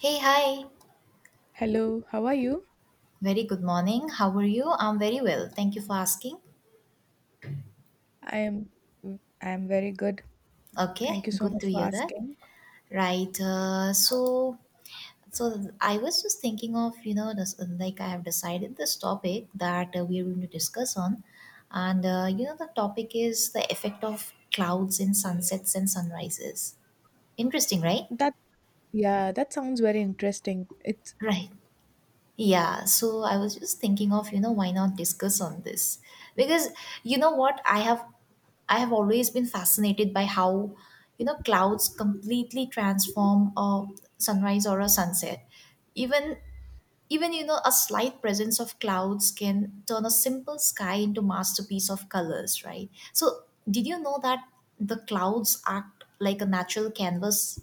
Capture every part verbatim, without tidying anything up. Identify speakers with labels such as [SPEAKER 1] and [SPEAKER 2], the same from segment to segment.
[SPEAKER 1] Hey, hi.
[SPEAKER 2] Hello, how are you?
[SPEAKER 1] Very good morning. How are you? I'm very well. Thank you for asking.
[SPEAKER 2] I am I am very good.
[SPEAKER 1] Okay,
[SPEAKER 2] Thank you so
[SPEAKER 1] good
[SPEAKER 2] much
[SPEAKER 1] to
[SPEAKER 2] for
[SPEAKER 1] hear that.
[SPEAKER 2] asking.
[SPEAKER 1] Right. Uh, so, so I was just thinking of you know, this, like I have decided this topic that uh, we are going to discuss on, and uh, you know, the topic is the effect of clouds in sunsets and sunrises. Interesting, right?
[SPEAKER 2] That yeah, that sounds very interesting. It's
[SPEAKER 1] Right. Yeah, so I was just thinking of, you know, why not discuss on this? Because you know what, I have I have always been fascinated by how, you know, clouds completely transform a sunrise or a sunset. Even even you know a slight presence of clouds can turn a simple sky into masterpiece of colors, right? So did you know that the clouds act like a natural canvas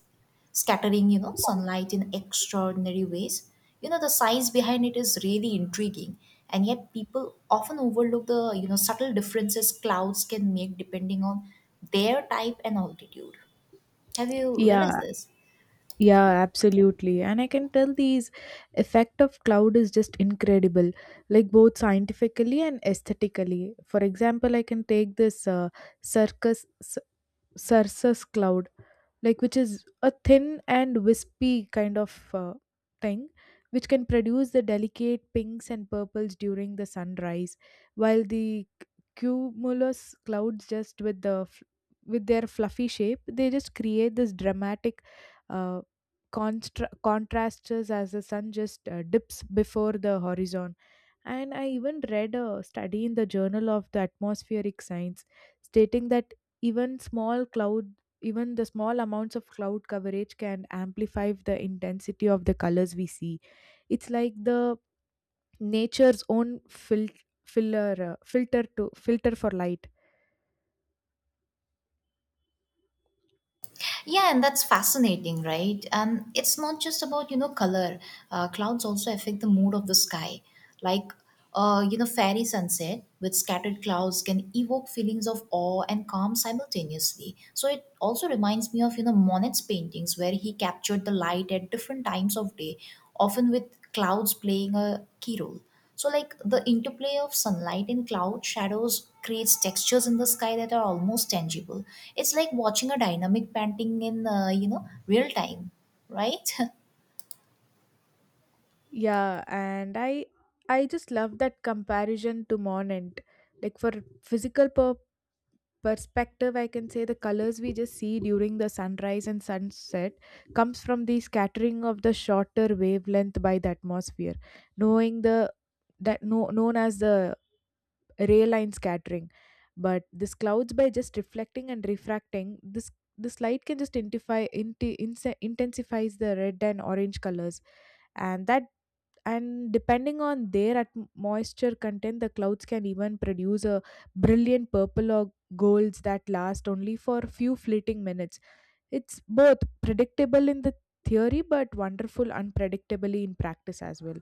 [SPEAKER 1] scattering, you know, sunlight in extraordinary ways? You know the science behind it is really intriguing, and yet people often overlook the, you know, subtle differences clouds can make depending on their type and altitude. Have you realized
[SPEAKER 2] yeah,
[SPEAKER 1] this?
[SPEAKER 2] yeah, absolutely. And I can tell these effect of cloud is just incredible, like both scientifically and aesthetically. For example, I can take this uh, circus circus cloud like which is a thin and wispy kind of uh, thing which can produce the delicate pinks and purples during the sunrise while the c- cumulus clouds just with the f- with their fluffy shape they just create this dramatic uh, constra- contrasts as the sun just uh, dips before the horizon. And I even read a study in the Journal of the Atmospheric Science stating that even small cloud, even the small amounts of cloud coverage can amplify the intensity of the colors we see. It's like the nature's own fil- filler, uh, filter to filter for light.
[SPEAKER 1] Yeah, and that's fascinating, right? And it's not just about, you know, color. Uh, clouds also affect the mood of the sky. Like, uh, you know, fairy sunset with scattered clouds can evoke feelings of awe and calm simultaneously. So it also reminds me of, you know, Monet's paintings where he captured the light at different times of day, often with clouds playing a key role. So, like the interplay of sunlight and cloud shadows creates textures in the sky that are almost tangible. It's like watching a dynamic painting in, uh, you know, real time, right?
[SPEAKER 2] Yeah, and I I just love that comparison to Monent. Like for physical pur- perspective, I can say the colors we just see during the sunrise and sunset comes from the scattering of the shorter wavelength by the atmosphere, knowing the that no, known as the ray line scattering. But this clouds by just reflecting and refracting this this light can just intensify inti- inse- intensifies the red and orange colors. And that and depending on their at- moisture content, the clouds can even produce a brilliant purple or golds that last only for a few fleeting minutes. It's both predictable in the theory but wonderful unpredictably in practice as well.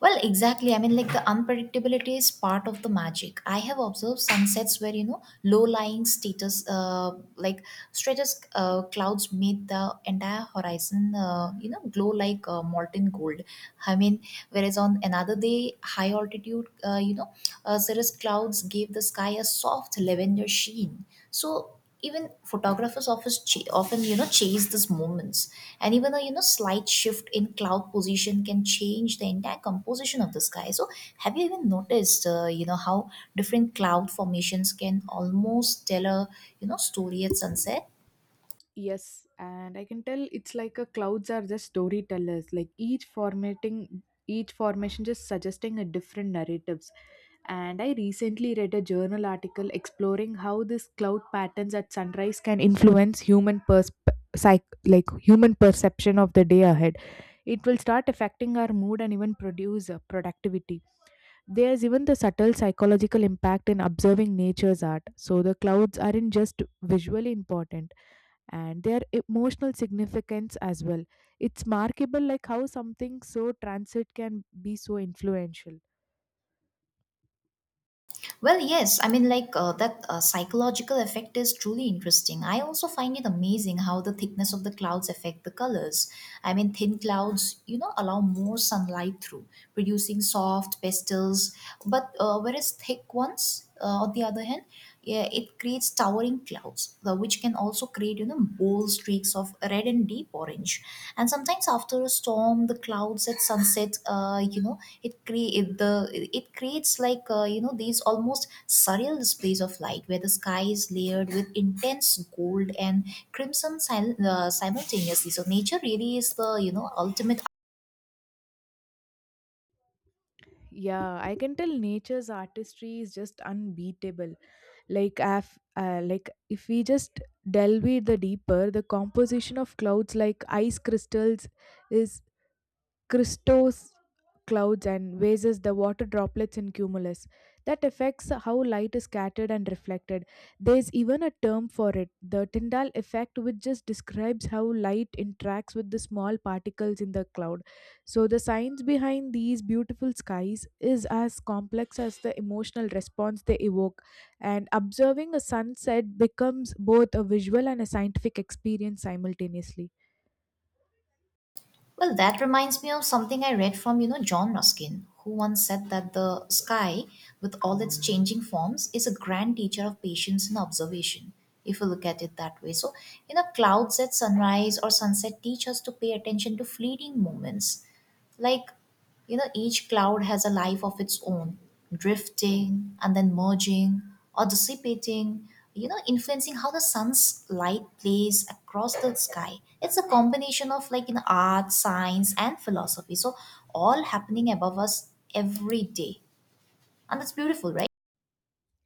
[SPEAKER 1] Well, exactly. I mean, like the unpredictability is part of the magic. I have observed sunsets where you know low-lying status, uh, like stratus uh, clouds made the entire horizon, uh, you know, glow like uh, molten gold. I mean, whereas on another day, high altitude, uh, you know, uh, cirrus clouds gave the sky a soft lavender sheen. So even photographers often, ch- often you know chase these moments, and even a you know slight shift in cloud position can change the entire composition of the sky. So have you even noticed uh, you know how different cloud formations can almost tell a you know story at sunset?
[SPEAKER 2] Yes, and I can tell it's like a clouds are just storytellers, like each formatting each formation just suggesting a different narrative. And I recently read a journal article exploring how this cloud patterns at sunrise can influence human pers psych- like human perception of the day ahead. It will start affecting our mood and even produce uh, productivity. There's even the subtle psychological impact in observing nature's art. So the clouds aren't just visually important and their emotional significance as well. It's markable like how something so transit can be so influential.
[SPEAKER 1] Well, yes. I mean, like uh, that uh, psychological effect is truly interesting. I also find it amazing how the thickness of the clouds affect the colors. I mean, thin clouds, you know, allow more sunlight through, producing soft pastels. But uh, whereas thick ones, uh, on the other hand, yeah, it creates towering clouds, uh, which can also create you know bold streaks of red and deep orange. And sometimes after a storm, the clouds at sunset, uh, you know, it create the it creates like uh, you know these almost surreal displays of light, where the sky is layered with intense gold and crimson sil- uh, simultaneously. So nature really is the you know ultimate.
[SPEAKER 2] Yeah, I can tell nature's artistry is just unbeatable. Like, af- uh, like if we just delve it the deeper, the composition of clouds like ice crystals is Christos clouds and raises the water droplets in cumulus. That affects how light is scattered and reflected. There's even a term for it, the Tyndall effect, which just describes how light interacts with the small particles in the cloud. So, the science behind these beautiful skies is as complex as the emotional response they evoke, and observing a sunset becomes both a visual and a scientific experience simultaneously.
[SPEAKER 1] Well, that reminds me of something I read from, you know, John Ruskin, who once said that the sky, with all its changing forms, is a grand teacher of patience and observation, if you look at it that way. So, you know, clouds at sunrise or sunset teach us to pay attention to fleeting moments, like you know each cloud has a life of its own, drifting and then merging or dissipating, you know influencing how the sun's light plays across the sky. It's a combination of, like, in art, science, and philosophy, so all happening above us every day. And it's beautiful, right?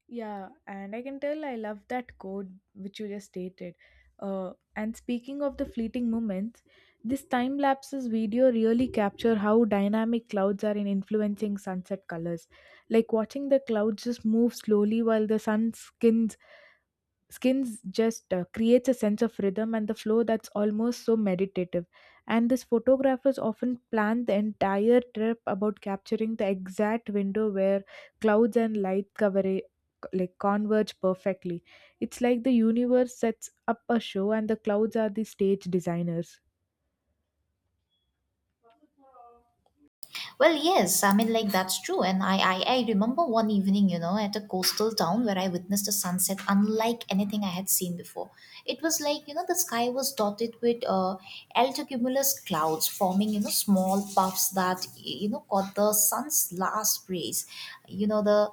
[SPEAKER 2] Yeah, and I can tell I love that code which you just stated. Uh, and speaking of the fleeting moments, this time lapses video really capture how dynamic clouds are in influencing sunset colors. Like watching the clouds just move slowly while the sun skins skins just uh, creates a sense of rhythm and the flow that's almost so meditative. And these photographers often plan the entire trip about capturing the exact window where clouds and light cover like converge perfectly. It's like the universe sets up a show and the clouds are the stage designers.
[SPEAKER 1] Well, yes, I mean, like that's true. And I, I, I remember one evening, you know, at a coastal town where I witnessed a sunset unlike anything I had seen before. It was like, you know, the sky was dotted with uh, altocumulus clouds forming, you know, small puffs that, you know, caught the sun's last rays. You know, the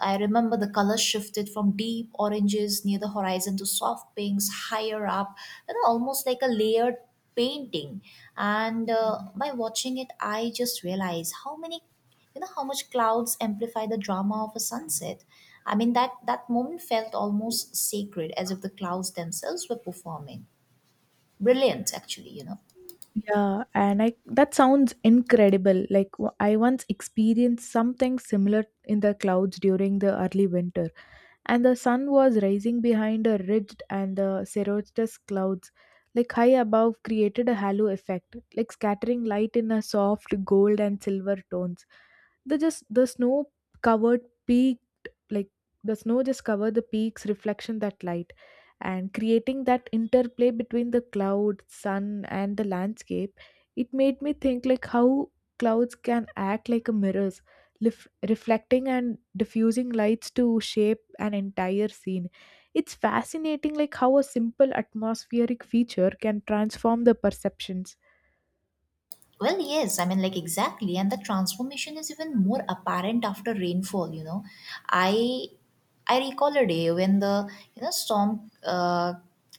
[SPEAKER 1] I remember the colors shifted from deep oranges near the horizon to soft pinks higher up, you know, almost like a layered painting. And uh, by watching it, I just realized how many, you know, how much clouds amplify the drama of a sunset. I mean, that, that moment felt almost sacred, as if the clouds themselves were performing. Brilliant, actually, you know.
[SPEAKER 2] Yeah, and I that sounds incredible. Like w- I once experienced something similar in the clouds during the early winter. And the sun was rising behind a ridged and the cirrhosis clouds like high above created a halo effect, like scattering light in a soft gold and silver tones. The just the snow covered peaked like the snow just covered the peaks reflection that light and creating that interplay between the cloud sun and the landscape. It made me think like how clouds can act like a mirrors, lif- reflecting and diffusing lights to shape an entire scene. It's fascinating like how a simple atmospheric feature can transform the perceptions.
[SPEAKER 1] Well, yes, I mean, like exactly. And the transformation is even more apparent after rainfall, you know. I I recall a day when the, you know, storm uh,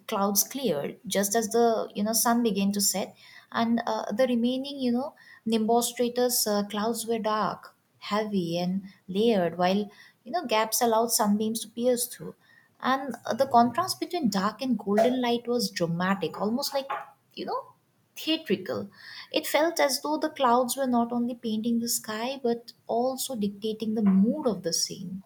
[SPEAKER 1] clouds cleared just as the, you know, sun began to set, and uh, the remaining, you know, Nimbus stratus uh, clouds were dark, heavy and layered, while, you know, gaps allowed sunbeams to pierce through. And uh, the contrast between dark and golden light was dramatic, almost like, you know, theatrical. It felt as though the clouds were not only painting the sky but also dictating the mood of the scene.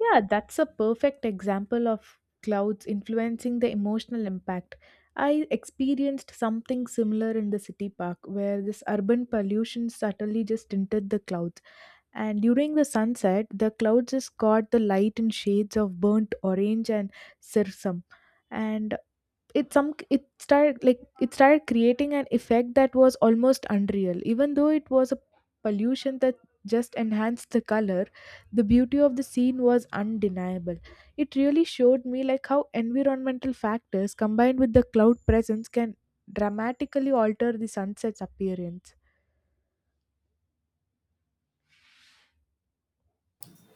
[SPEAKER 2] Yeah, that's a perfect example of clouds influencing the emotional impact. I experienced something similar in the city park where this urban pollution subtly just tinted the clouds. And during the sunset, the clouds just caught the light in shades of burnt orange and sirsum. And it some it started like it started creating an effect that was almost unreal, even though it was a pollution that just enhanced the color. The beauty of the scene was undeniable. It really showed me like how environmental factors combined with the cloud presence can dramatically alter the sunset's appearance.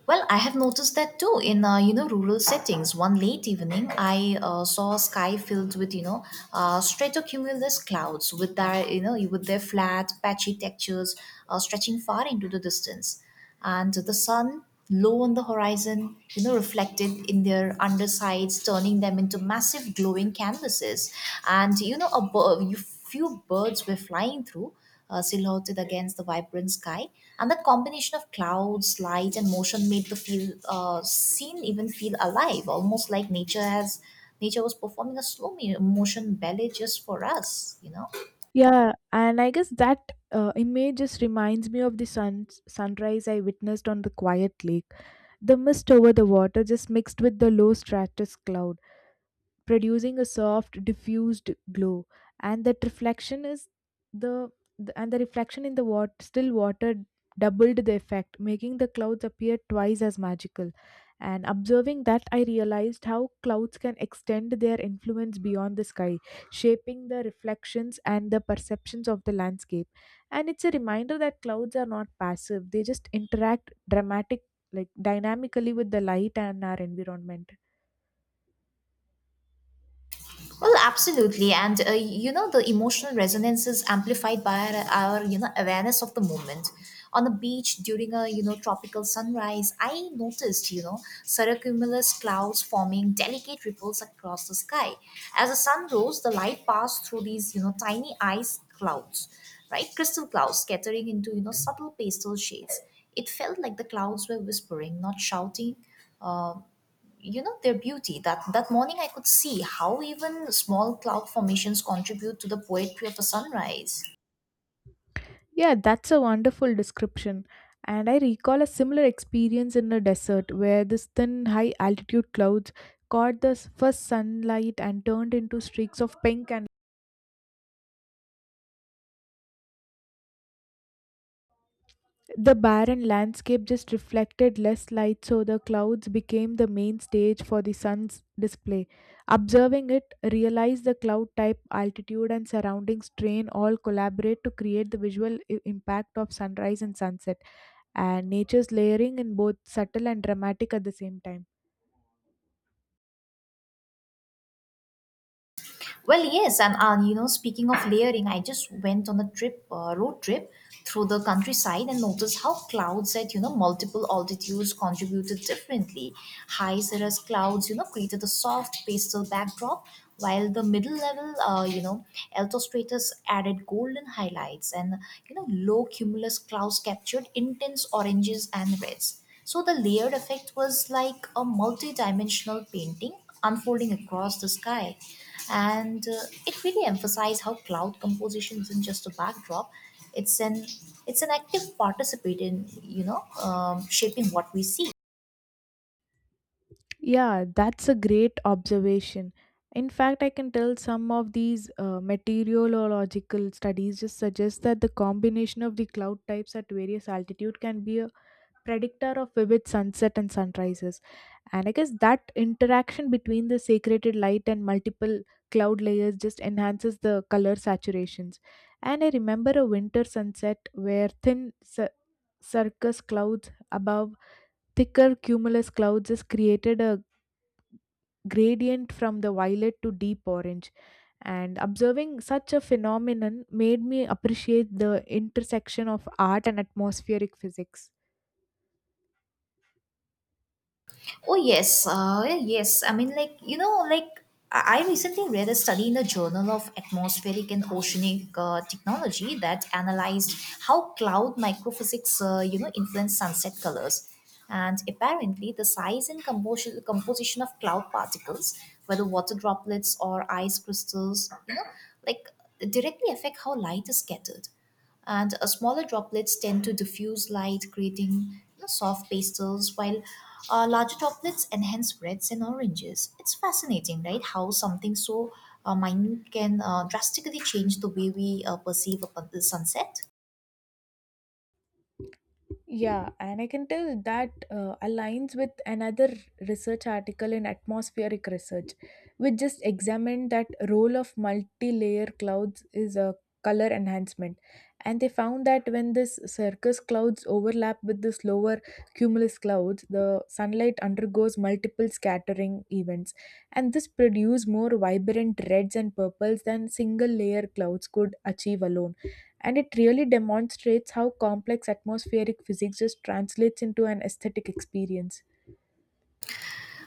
[SPEAKER 1] Well, I have noticed that too in uh, you know rural settings. One late evening, I uh, saw a sky filled with you know uh, stratocumulus clouds with their you know with their flat patchy textures, uh, stretching far into the distance, and the sun low on the horizon, you know, reflected in their undersides, turning them into massive glowing canvases. And you know, a bir- few birds were flying through, uh, silhouetted against the vibrant sky. And that combination of clouds, light, and motion made the feel uh, scene even feel alive, almost like nature has nature was performing a slow mo- motion ballet just for us. You know.
[SPEAKER 2] Yeah, and I guess that uh, image just reminds me of the sun sunrise I witnessed on the quiet lake. The mist over the water just mixed with the low stratus cloud, producing a soft diffused glow. And that reflection is the, the and the reflection in the water, still water, doubled the effect, making the clouds appear twice as magical. And observing that, I realized how clouds can extend their influence beyond the sky, shaping the reflections and the perceptions of the landscape. And it's a reminder that clouds are not passive. They just interact dramatic like dynamically with the light and our environment.
[SPEAKER 1] Well, absolutely, and uh, you know the emotional resonance is amplified by our, our you know awareness of the moment. On the beach during a you know tropical sunrise, I noticed you know cirrocumulus clouds forming delicate ripples across the sky. As the sun rose, the light passed through these you know tiny ice clouds, right? Crystal clouds scattering into you know subtle pastel shades. It felt like the clouds were whispering, not shouting, you know their beauty. That that morning I could see how even small cloud formations contribute to the poetry of a sunrise.
[SPEAKER 2] Yeah, that's a wonderful description. And I recall a similar experience in the desert where this thin high altitude clouds caught the s- first sunlight and turned into streaks of pink. And the barren landscape just reflected less light, so the clouds became the main stage for the sun's display. Observing it, realize the cloud type, altitude and surrounding strain all collaborate to create the visual i- impact of sunrise and sunset, and nature's layering in both subtle and dramatic at the same time.
[SPEAKER 1] Well, yes, and uh, you know, speaking of layering, I just went on a trip, uh, road trip through the countryside and noticed how clouds at you know multiple altitudes contributed differently. High cirrus clouds, you know, created a soft pastel backdrop, while the middle level, uh, you know, altostratus added golden highlights, and you know, low cumulus clouds captured intense oranges and reds. So the layered effect was like a multi-dimensional painting unfolding across the sky, and uh, it really emphasized how cloud composition isn't just a backdrop. It's an it's an active participant in you know um, shaping what we see.
[SPEAKER 2] Yeah, that's a great observation. In fact, I can tell some of these uh, meteorological studies just suggest that the combination of the cloud types at various altitude can be a predictor of vivid sunset and sunrises. And I guess that interaction between the saturated light and multiple cloud layers just enhances the color saturations. And I remember a winter sunset where thin s- circus clouds above thicker cumulus clouds has created a gradient from the violet to deep orange, and observing such a phenomenon made me appreciate the intersection of art and atmospheric physics.
[SPEAKER 1] Oh yes, uh, yeah, yes. I mean, like you know, like I I recently read a study in the Journal of Atmospheric and Oceanic uh, Technology that analyzed how cloud microphysics, uh, you know, influence sunset colors. And apparently, the size and composition composition of cloud particles, whether water droplets or ice crystals, you know, like directly affect how light is scattered, and uh, smaller droplets tend to diffuse light, creating you know, soft pastels, while uh, larger droplets enhance reds and oranges. It's fascinating, right? How something so uh, minute can uh, drastically change the way we uh, perceive upon the sunset.
[SPEAKER 2] Yeah, and I can tell that uh, aligns with another research article in atmospheric research, which just examined that role of multi-layer clouds is a color enhancement, and they found that when this circus clouds overlap with this lower cumulus clouds, the sunlight undergoes multiple scattering events, and this produce more vibrant reds and purples than single-layer clouds could achieve alone. And it really demonstrates how complex atmospheric physics just translates into an aesthetic experience.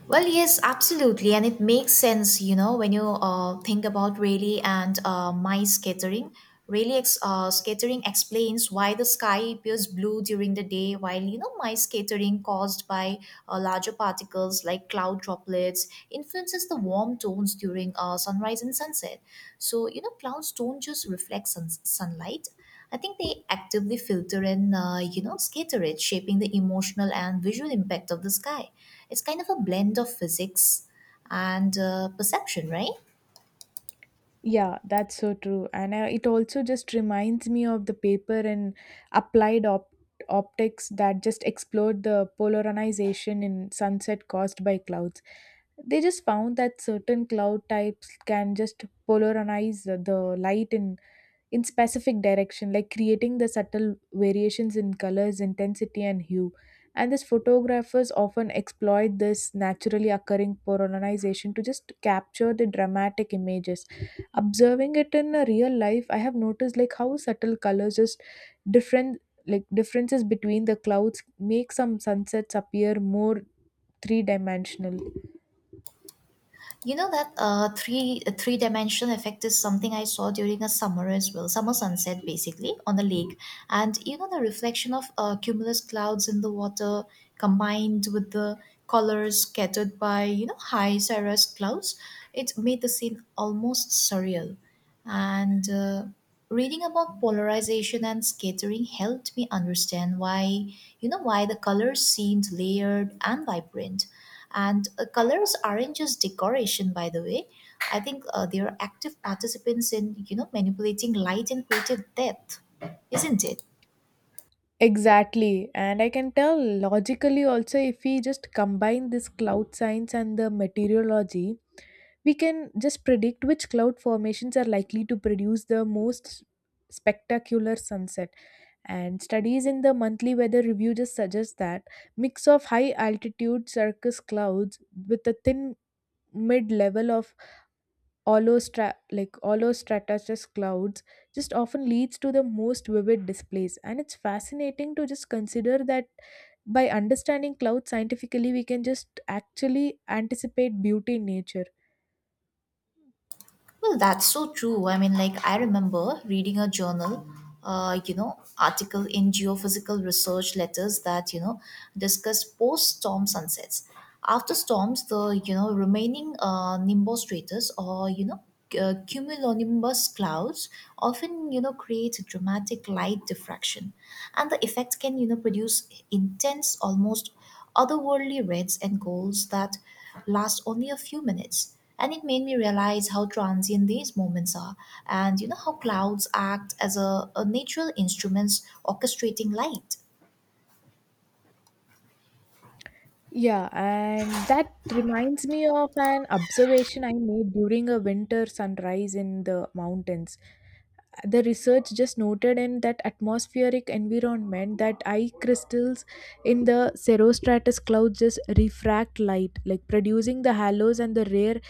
[SPEAKER 1] Well, yes, absolutely, and it makes sense, you know, when you uh, think about Rayleigh and uh, my scattering. Rayleigh ex- uh, scattering explains why the sky appears blue during the day, while you know my scattering, caused by uh, larger particles like cloud droplets, influences the warm tones during uh, sunrise and sunset. So you know, clouds don't just reflect sun- sunlight; I think they actively filter and uh, you know scatter it, shaping the emotional and visual impact of the sky. It's kind of a blend of physics and uh, perception, right?
[SPEAKER 2] Yeah, that's so true. And uh, it also just reminds me of the paper in applied op- optics that just explored the polarization in sunset caused by clouds. They just found that certain cloud types can just polarize the the light in in specific direction, like creating the subtle variations in colors, intensity, and hue. And these photographers often exploit this naturally occurring polarization to just capture the dramatic images. Observing it in a real life, I have noticed like how subtle colors just different like differences between the clouds make some sunsets appear more three dimensional.
[SPEAKER 1] You know that uh, three three dimension effect is something I saw during a summer as well, summer sunset basically on the lake, and you know the reflection of uh, cumulus clouds in the water combined with the colors scattered by you know high cirrus clouds, it made the scene almost surreal, and uh, reading about polarization and scattering helped me understand why you know why the colors seemed layered and vibrant. And uh, colors aren't just decoration, by the way. I think uh, they are active participants in you know manipulating light and creative depth, isn't it?
[SPEAKER 2] Exactly. And I can tell logically also, if we just combine this cloud science and the meteorology, we can just predict which cloud formations are likely to produce the most spectacular sunset. And studies in the monthly weather review just suggest that mix of high altitude cirrus clouds with a thin mid level of holostra- like holostratus clouds just often leads to the most vivid displays. And it's fascinating to just consider that by understanding clouds scientifically, we can just actually anticipate beauty in nature.
[SPEAKER 1] Well, that's so true. I mean, like I remember reading a journal, uh, you know, article in geophysical research letters that you know discussed post-storm sunsets. After storms, the you know remaining uh, nimbus or you know uh, cumulonimbus clouds often you know create a dramatic light diffraction, and the effect can you know produce intense, almost otherworldly rates and goals that last only a few minutes. And it made me realize how transient these moments are, and you know how clouds act as a, a natural instruments orchestrating light.
[SPEAKER 2] Yeah, and that reminds me of an observation I made during a winter sunrise in the mountains. The research just noted in that atmospheric environment that eye crystals in the cirrostratus clouds just refract light, like producing the halos and the rare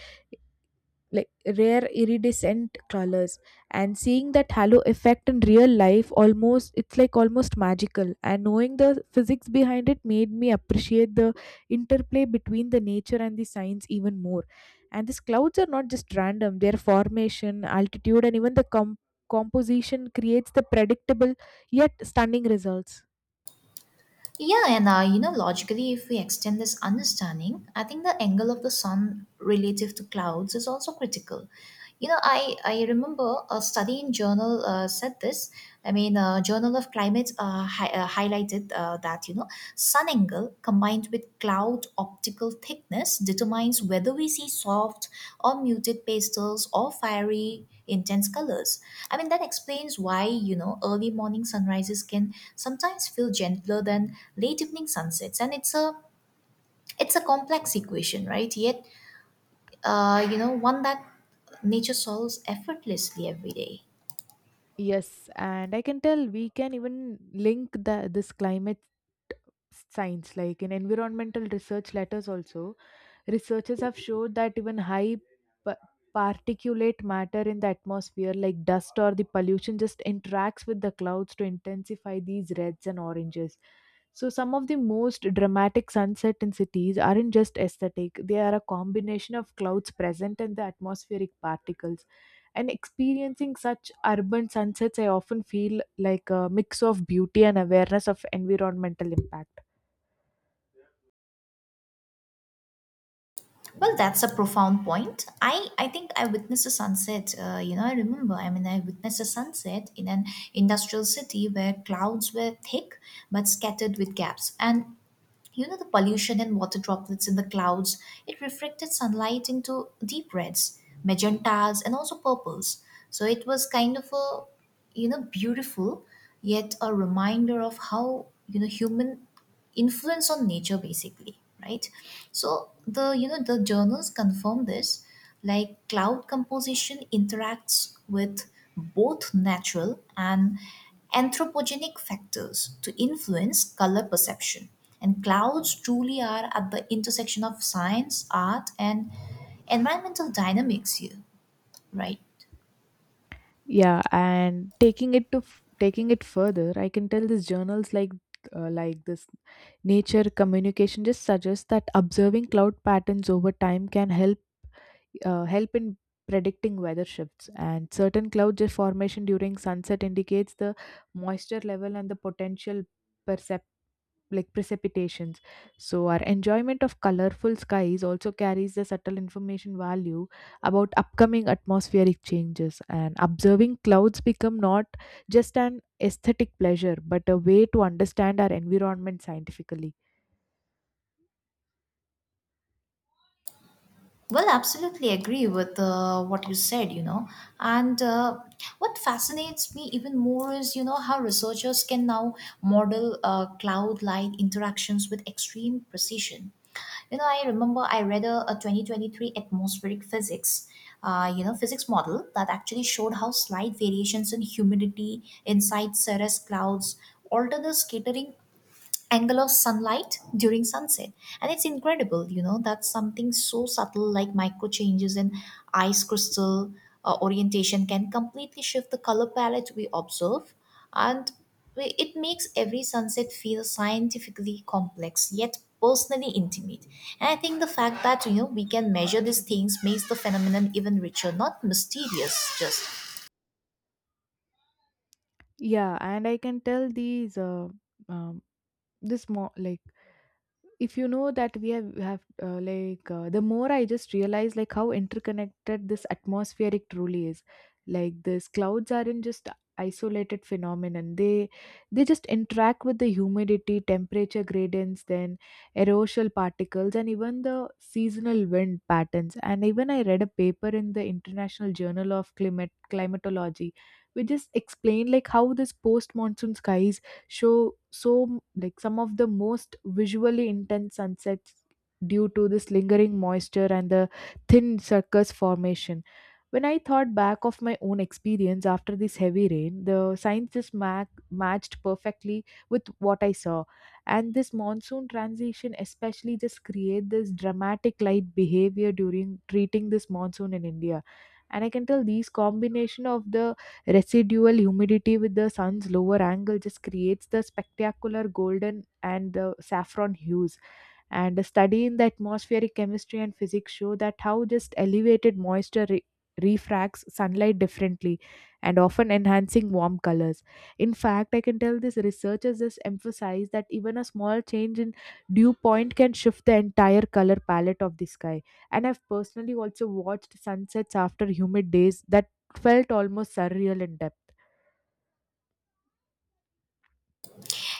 [SPEAKER 2] like rare iridescent colors. And seeing that halo effect in real life almost, it's like almost magical. And knowing the physics behind it made me appreciate the interplay between the nature and the science even more. And these clouds are not just random. Their formation, altitude and even the com- composition creates the predictable yet stunning results.
[SPEAKER 1] Yeah, and uh, you know, logically, if we extend this understanding, I think the angle of the sun relative to clouds is also critical. You know, I, I remember a study in journal uh, said this. I mean, uh, Journal of Climate uh, hi- uh, highlighted uh, that, you know, sun angle combined with cloud optical thickness determines whether we see soft or muted pastels or fiery intense colors. I mean that explains why, you know, early morning sunrises can sometimes feel gentler than late evening sunsets, and it's a it's a complex equation, right? Yet uh, you know, one that nature solves effortlessly every day.
[SPEAKER 2] Yes, and I can tell we can even link the this climate science, like in environmental research letters also, researchers have showed that even high pa- particulate matter in the atmosphere, like dust or the pollution, just interacts with the clouds to intensify these reds and oranges. So some of the most dramatic sunset in cities aren't just aesthetic. They are a combination of clouds present and the atmospheric particles. And experiencing such urban sunsets, I often feel like a mix of beauty and awareness of environmental impact.
[SPEAKER 1] Well, that's a profound point. I, I think I witnessed a sunset. Uh, you know, I remember, I mean, I witnessed a sunset in an industrial city where clouds were thick but scattered with gaps. And, you know, the pollution and water droplets in the clouds, it reflected sunlight into deep reds, magentas, and also purples. So it was kind of a, you know, beautiful, yet a reminder of how, you know, human influence on nature basically, right. So the you know the journals confirm this, like cloud composition interacts with both natural and anthropogenic factors to influence color perception, and clouds truly are at the intersection of science, art, and environmental dynamics here, right.
[SPEAKER 2] Yeah, and taking it to f- taking it further, I can tell these journals like uh, like this Nature Communication just suggests that observing cloud patterns over time can help uh, help in predicting weather shifts, and certain cloud formation during sunset indicates the moisture level and the potential percep- like precipitations. So our enjoyment of colorful skies also carries the subtle information value about upcoming atmospheric changes, and observing clouds become not just an aesthetic pleasure but a way to understand our environment scientifically.
[SPEAKER 1] Well, absolutely agree with uh, what you said, you know. And uh, what fascinates me even more is, you know, how researchers can now model uh, cloud light interactions with extreme precision. You know, I remember I read a, a twenty twenty-three atmospheric physics, uh, you know, physics model that actually showed how slight variations in humidity inside cirrus clouds alter the scattering angle of sunlight during sunset. And it's incredible, you know that's something so subtle, like micro changes in ice crystal uh, orientation can completely shift the color palette we observe. And we- it makes every sunset feel scientifically complex yet personally intimate. And I think the fact that you know we can measure these things makes the phenomenon even richer, not mysterious, just
[SPEAKER 2] Yeah, and I can tell these uh, um, this more like if you know that we have, we have uh, like uh, the more I just realize like how interconnected this atmospheric truly is. Like this clouds aren't just isolated phenomenon, they they just interact with the humidity temperature gradients, then aerosol particles and even the seasonal wind patterns. And even I read a paper in the International Journal of Climate Climatology which just explained like how this post monsoon skies show so like some of the most visually intense sunsets due to this lingering moisture and the thin circus formation. When I thought back of my own experience after this heavy rain, the signs just ma- matched perfectly with what I saw. And this monsoon transition especially just create this dramatic light behavior during treating this monsoon in India. And I can tell these combination of the residual humidity with the sun's lower angle just creates the spectacular golden and the saffron hues. And a study in the atmospheric chemistry and physics show that how just elevated moisture re- refracts sunlight differently and often enhancing warm colors. In fact, I can tell this researchers just emphasize that even a small change in dew point can shift the entire color palette of the sky. And I've personally also watched sunsets after humid days that felt almost surreal in depth.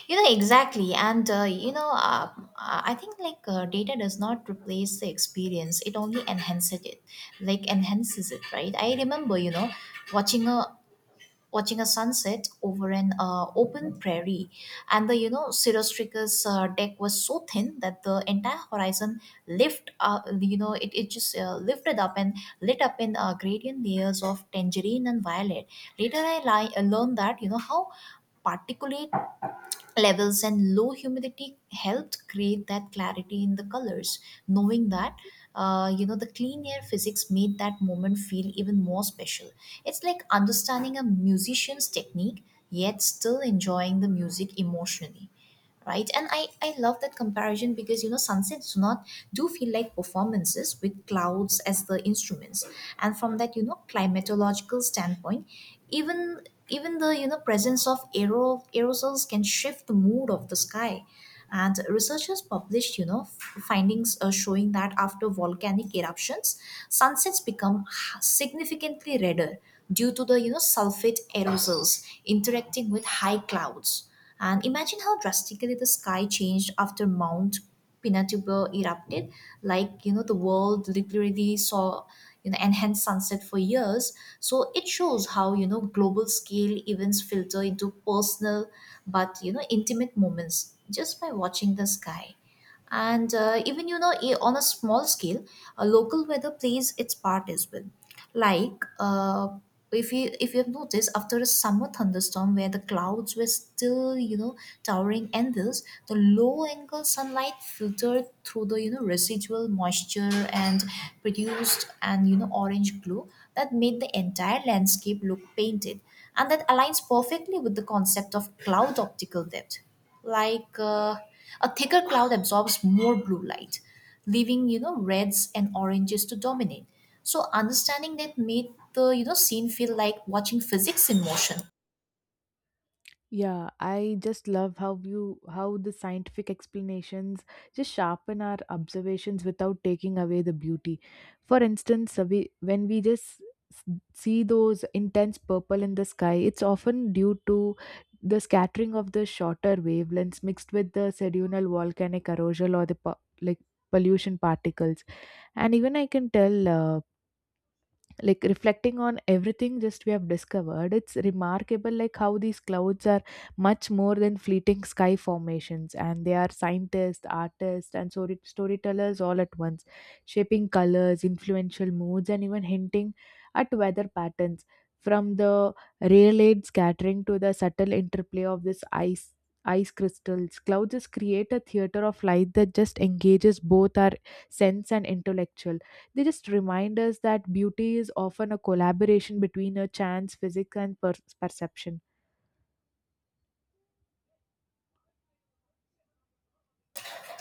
[SPEAKER 1] you know exactly. And uh, you know um, uh, I think like uh, data does not replace the experience, it only enhances it, like enhances it, right. I remember you know watching a watching a sunset over an uh, open prairie, and the you know cirrostratus uh, deck was so thin that the entire horizon lift uh, you know it, it just uh, lifted up and lit up in uh, gradient layers of tangerine and violet. Later i li- learned that you know how particulate levels and low humidity helped create that clarity in the colors. Knowing that uh, you know the clean air physics made that moment feel even more special. It's like understanding a musician's technique, yet still enjoying the music emotionally, right. And i i love that comparison because you know sunsets do not do feel like performances with clouds as the instruments. And from that, you know climatological standpoint, even, even the you know presence of aero, aerosols can shift the mood of the sky. And researchers published, you know f- findings uh, showing that after volcanic eruptions, sunsets become significantly redder due to the you know sulfate aerosols interacting with high clouds. And imagine how drastically the sky changed after Mount Pinatubo erupted. Like, you know, the world literally saw you know enhanced sunset for years. So it shows how, you know, global scale events filter into personal but you know intimate moments just by watching the sky. And uh, even you know I- on a small scale, a local weather plays its part as well. Like uh, if you, if you have noticed, after a summer thunderstorm where the clouds were still, you know towering endless, the low angle sunlight filtered through the you know residual moisture and produced an you know orange glow that made the entire landscape look painted. And that aligns perfectly with the concept of cloud optical depth, like uh, a thicker cloud absorbs more blue light, leaving you know reds and oranges to dominate. So understanding that made the you know scene feel like watching physics in motion.
[SPEAKER 2] Yeah, I just love how you how the scientific explanations just sharpen our observations without taking away the beauty. For instance, uh, we when we just s- see those intense purple in the sky, it's often due to the scattering of the shorter wavelengths mixed with the sedunal volcanic erosion or the po- like pollution particles. And even I can tell. Uh, like reflecting on everything just we have discovered, it's remarkable like how these clouds are much more than fleeting sky formations, and they are scientists, artists and story- storytellers all at once, shaping colors, influential moods and even hinting at weather patterns, from the raylaid scattering to the subtle interplay of this ice ice crystals. Clouds just create a theater of light that just engages both our sense and intellectual. They just remind us that beauty is often a collaboration between a chance, physics, and per- perception.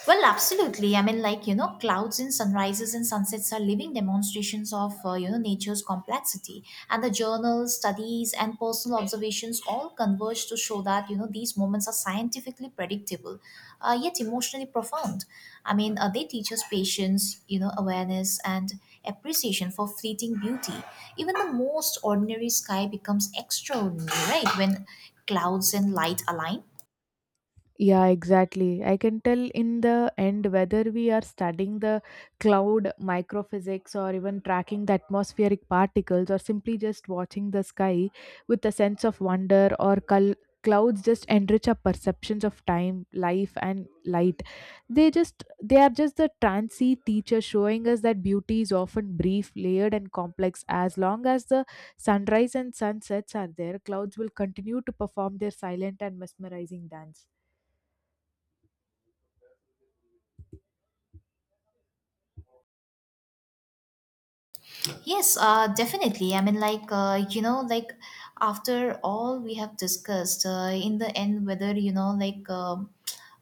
[SPEAKER 1] Well, absolutely. I mean, like, you know, clouds in sunrises and sunsets are living demonstrations of, uh, you know, nature's complexity. And the journals, studies, and personal observations all converge to show that, you know, these moments are scientifically predictable, uh, yet emotionally profound. I mean, uh, they teach us patience, you know, awareness, and appreciation for fleeting beauty. Even the most ordinary sky becomes extraordinary, right, when clouds and light align.
[SPEAKER 2] Yeah, exactly. I can tell in the end whether we are studying the cloud microphysics or even tracking the atmospheric particles or simply just watching the sky with a sense of wonder or col- clouds just enrich our perceptions of time, life and light. They just they are just the transient teacher showing us that beauty is often brief, layered and complex. As long as the sunrise and sunsets are there, clouds will continue to perform their silent and mesmerizing dance.
[SPEAKER 1] Yes, uh, definitely. I mean, like, uh, you know, like, after all we have discussed, uh, in the end, whether, you know, like, um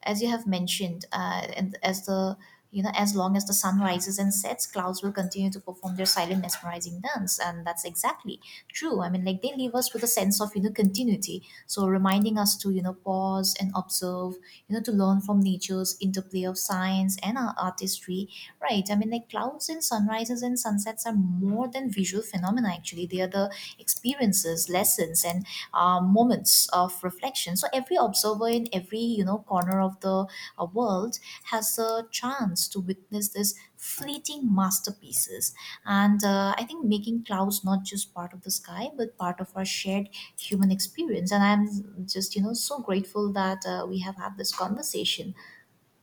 [SPEAKER 1] as you have mentioned, uh, and as the, you know, as long as the sun rises and sets, clouds will continue to perform their silent mesmerizing dance. And that's exactly true. I mean, like, they leave us with a sense of, you know, continuity. So reminding us to, you know, pause and observe, you know, to learn from nature's interplay of science and uh, artistry. Right. I mean, like, clouds and sunrises and sunsets are more than visual phenomena, actually. They are the experiences, lessons, and uh, moments of reflection. So every observer in every, you know, corner of the uh, world has a chance to witness these fleeting masterpieces. And uh, I think making clouds not just part of the sky, but part of our shared human experience. And I'm just, you know, so grateful that uh, we have had this conversation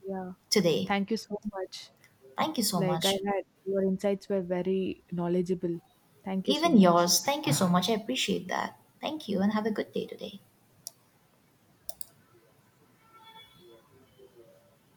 [SPEAKER 2] Yeah.
[SPEAKER 1] today.
[SPEAKER 2] Thank you so much.
[SPEAKER 1] Thank you so
[SPEAKER 2] Like I
[SPEAKER 1] much.
[SPEAKER 2] had your insights were very knowledgeable. Thank you so
[SPEAKER 1] Even
[SPEAKER 2] much.
[SPEAKER 1] yours. Thank you so much. I appreciate that. Thank you, and have a good day today.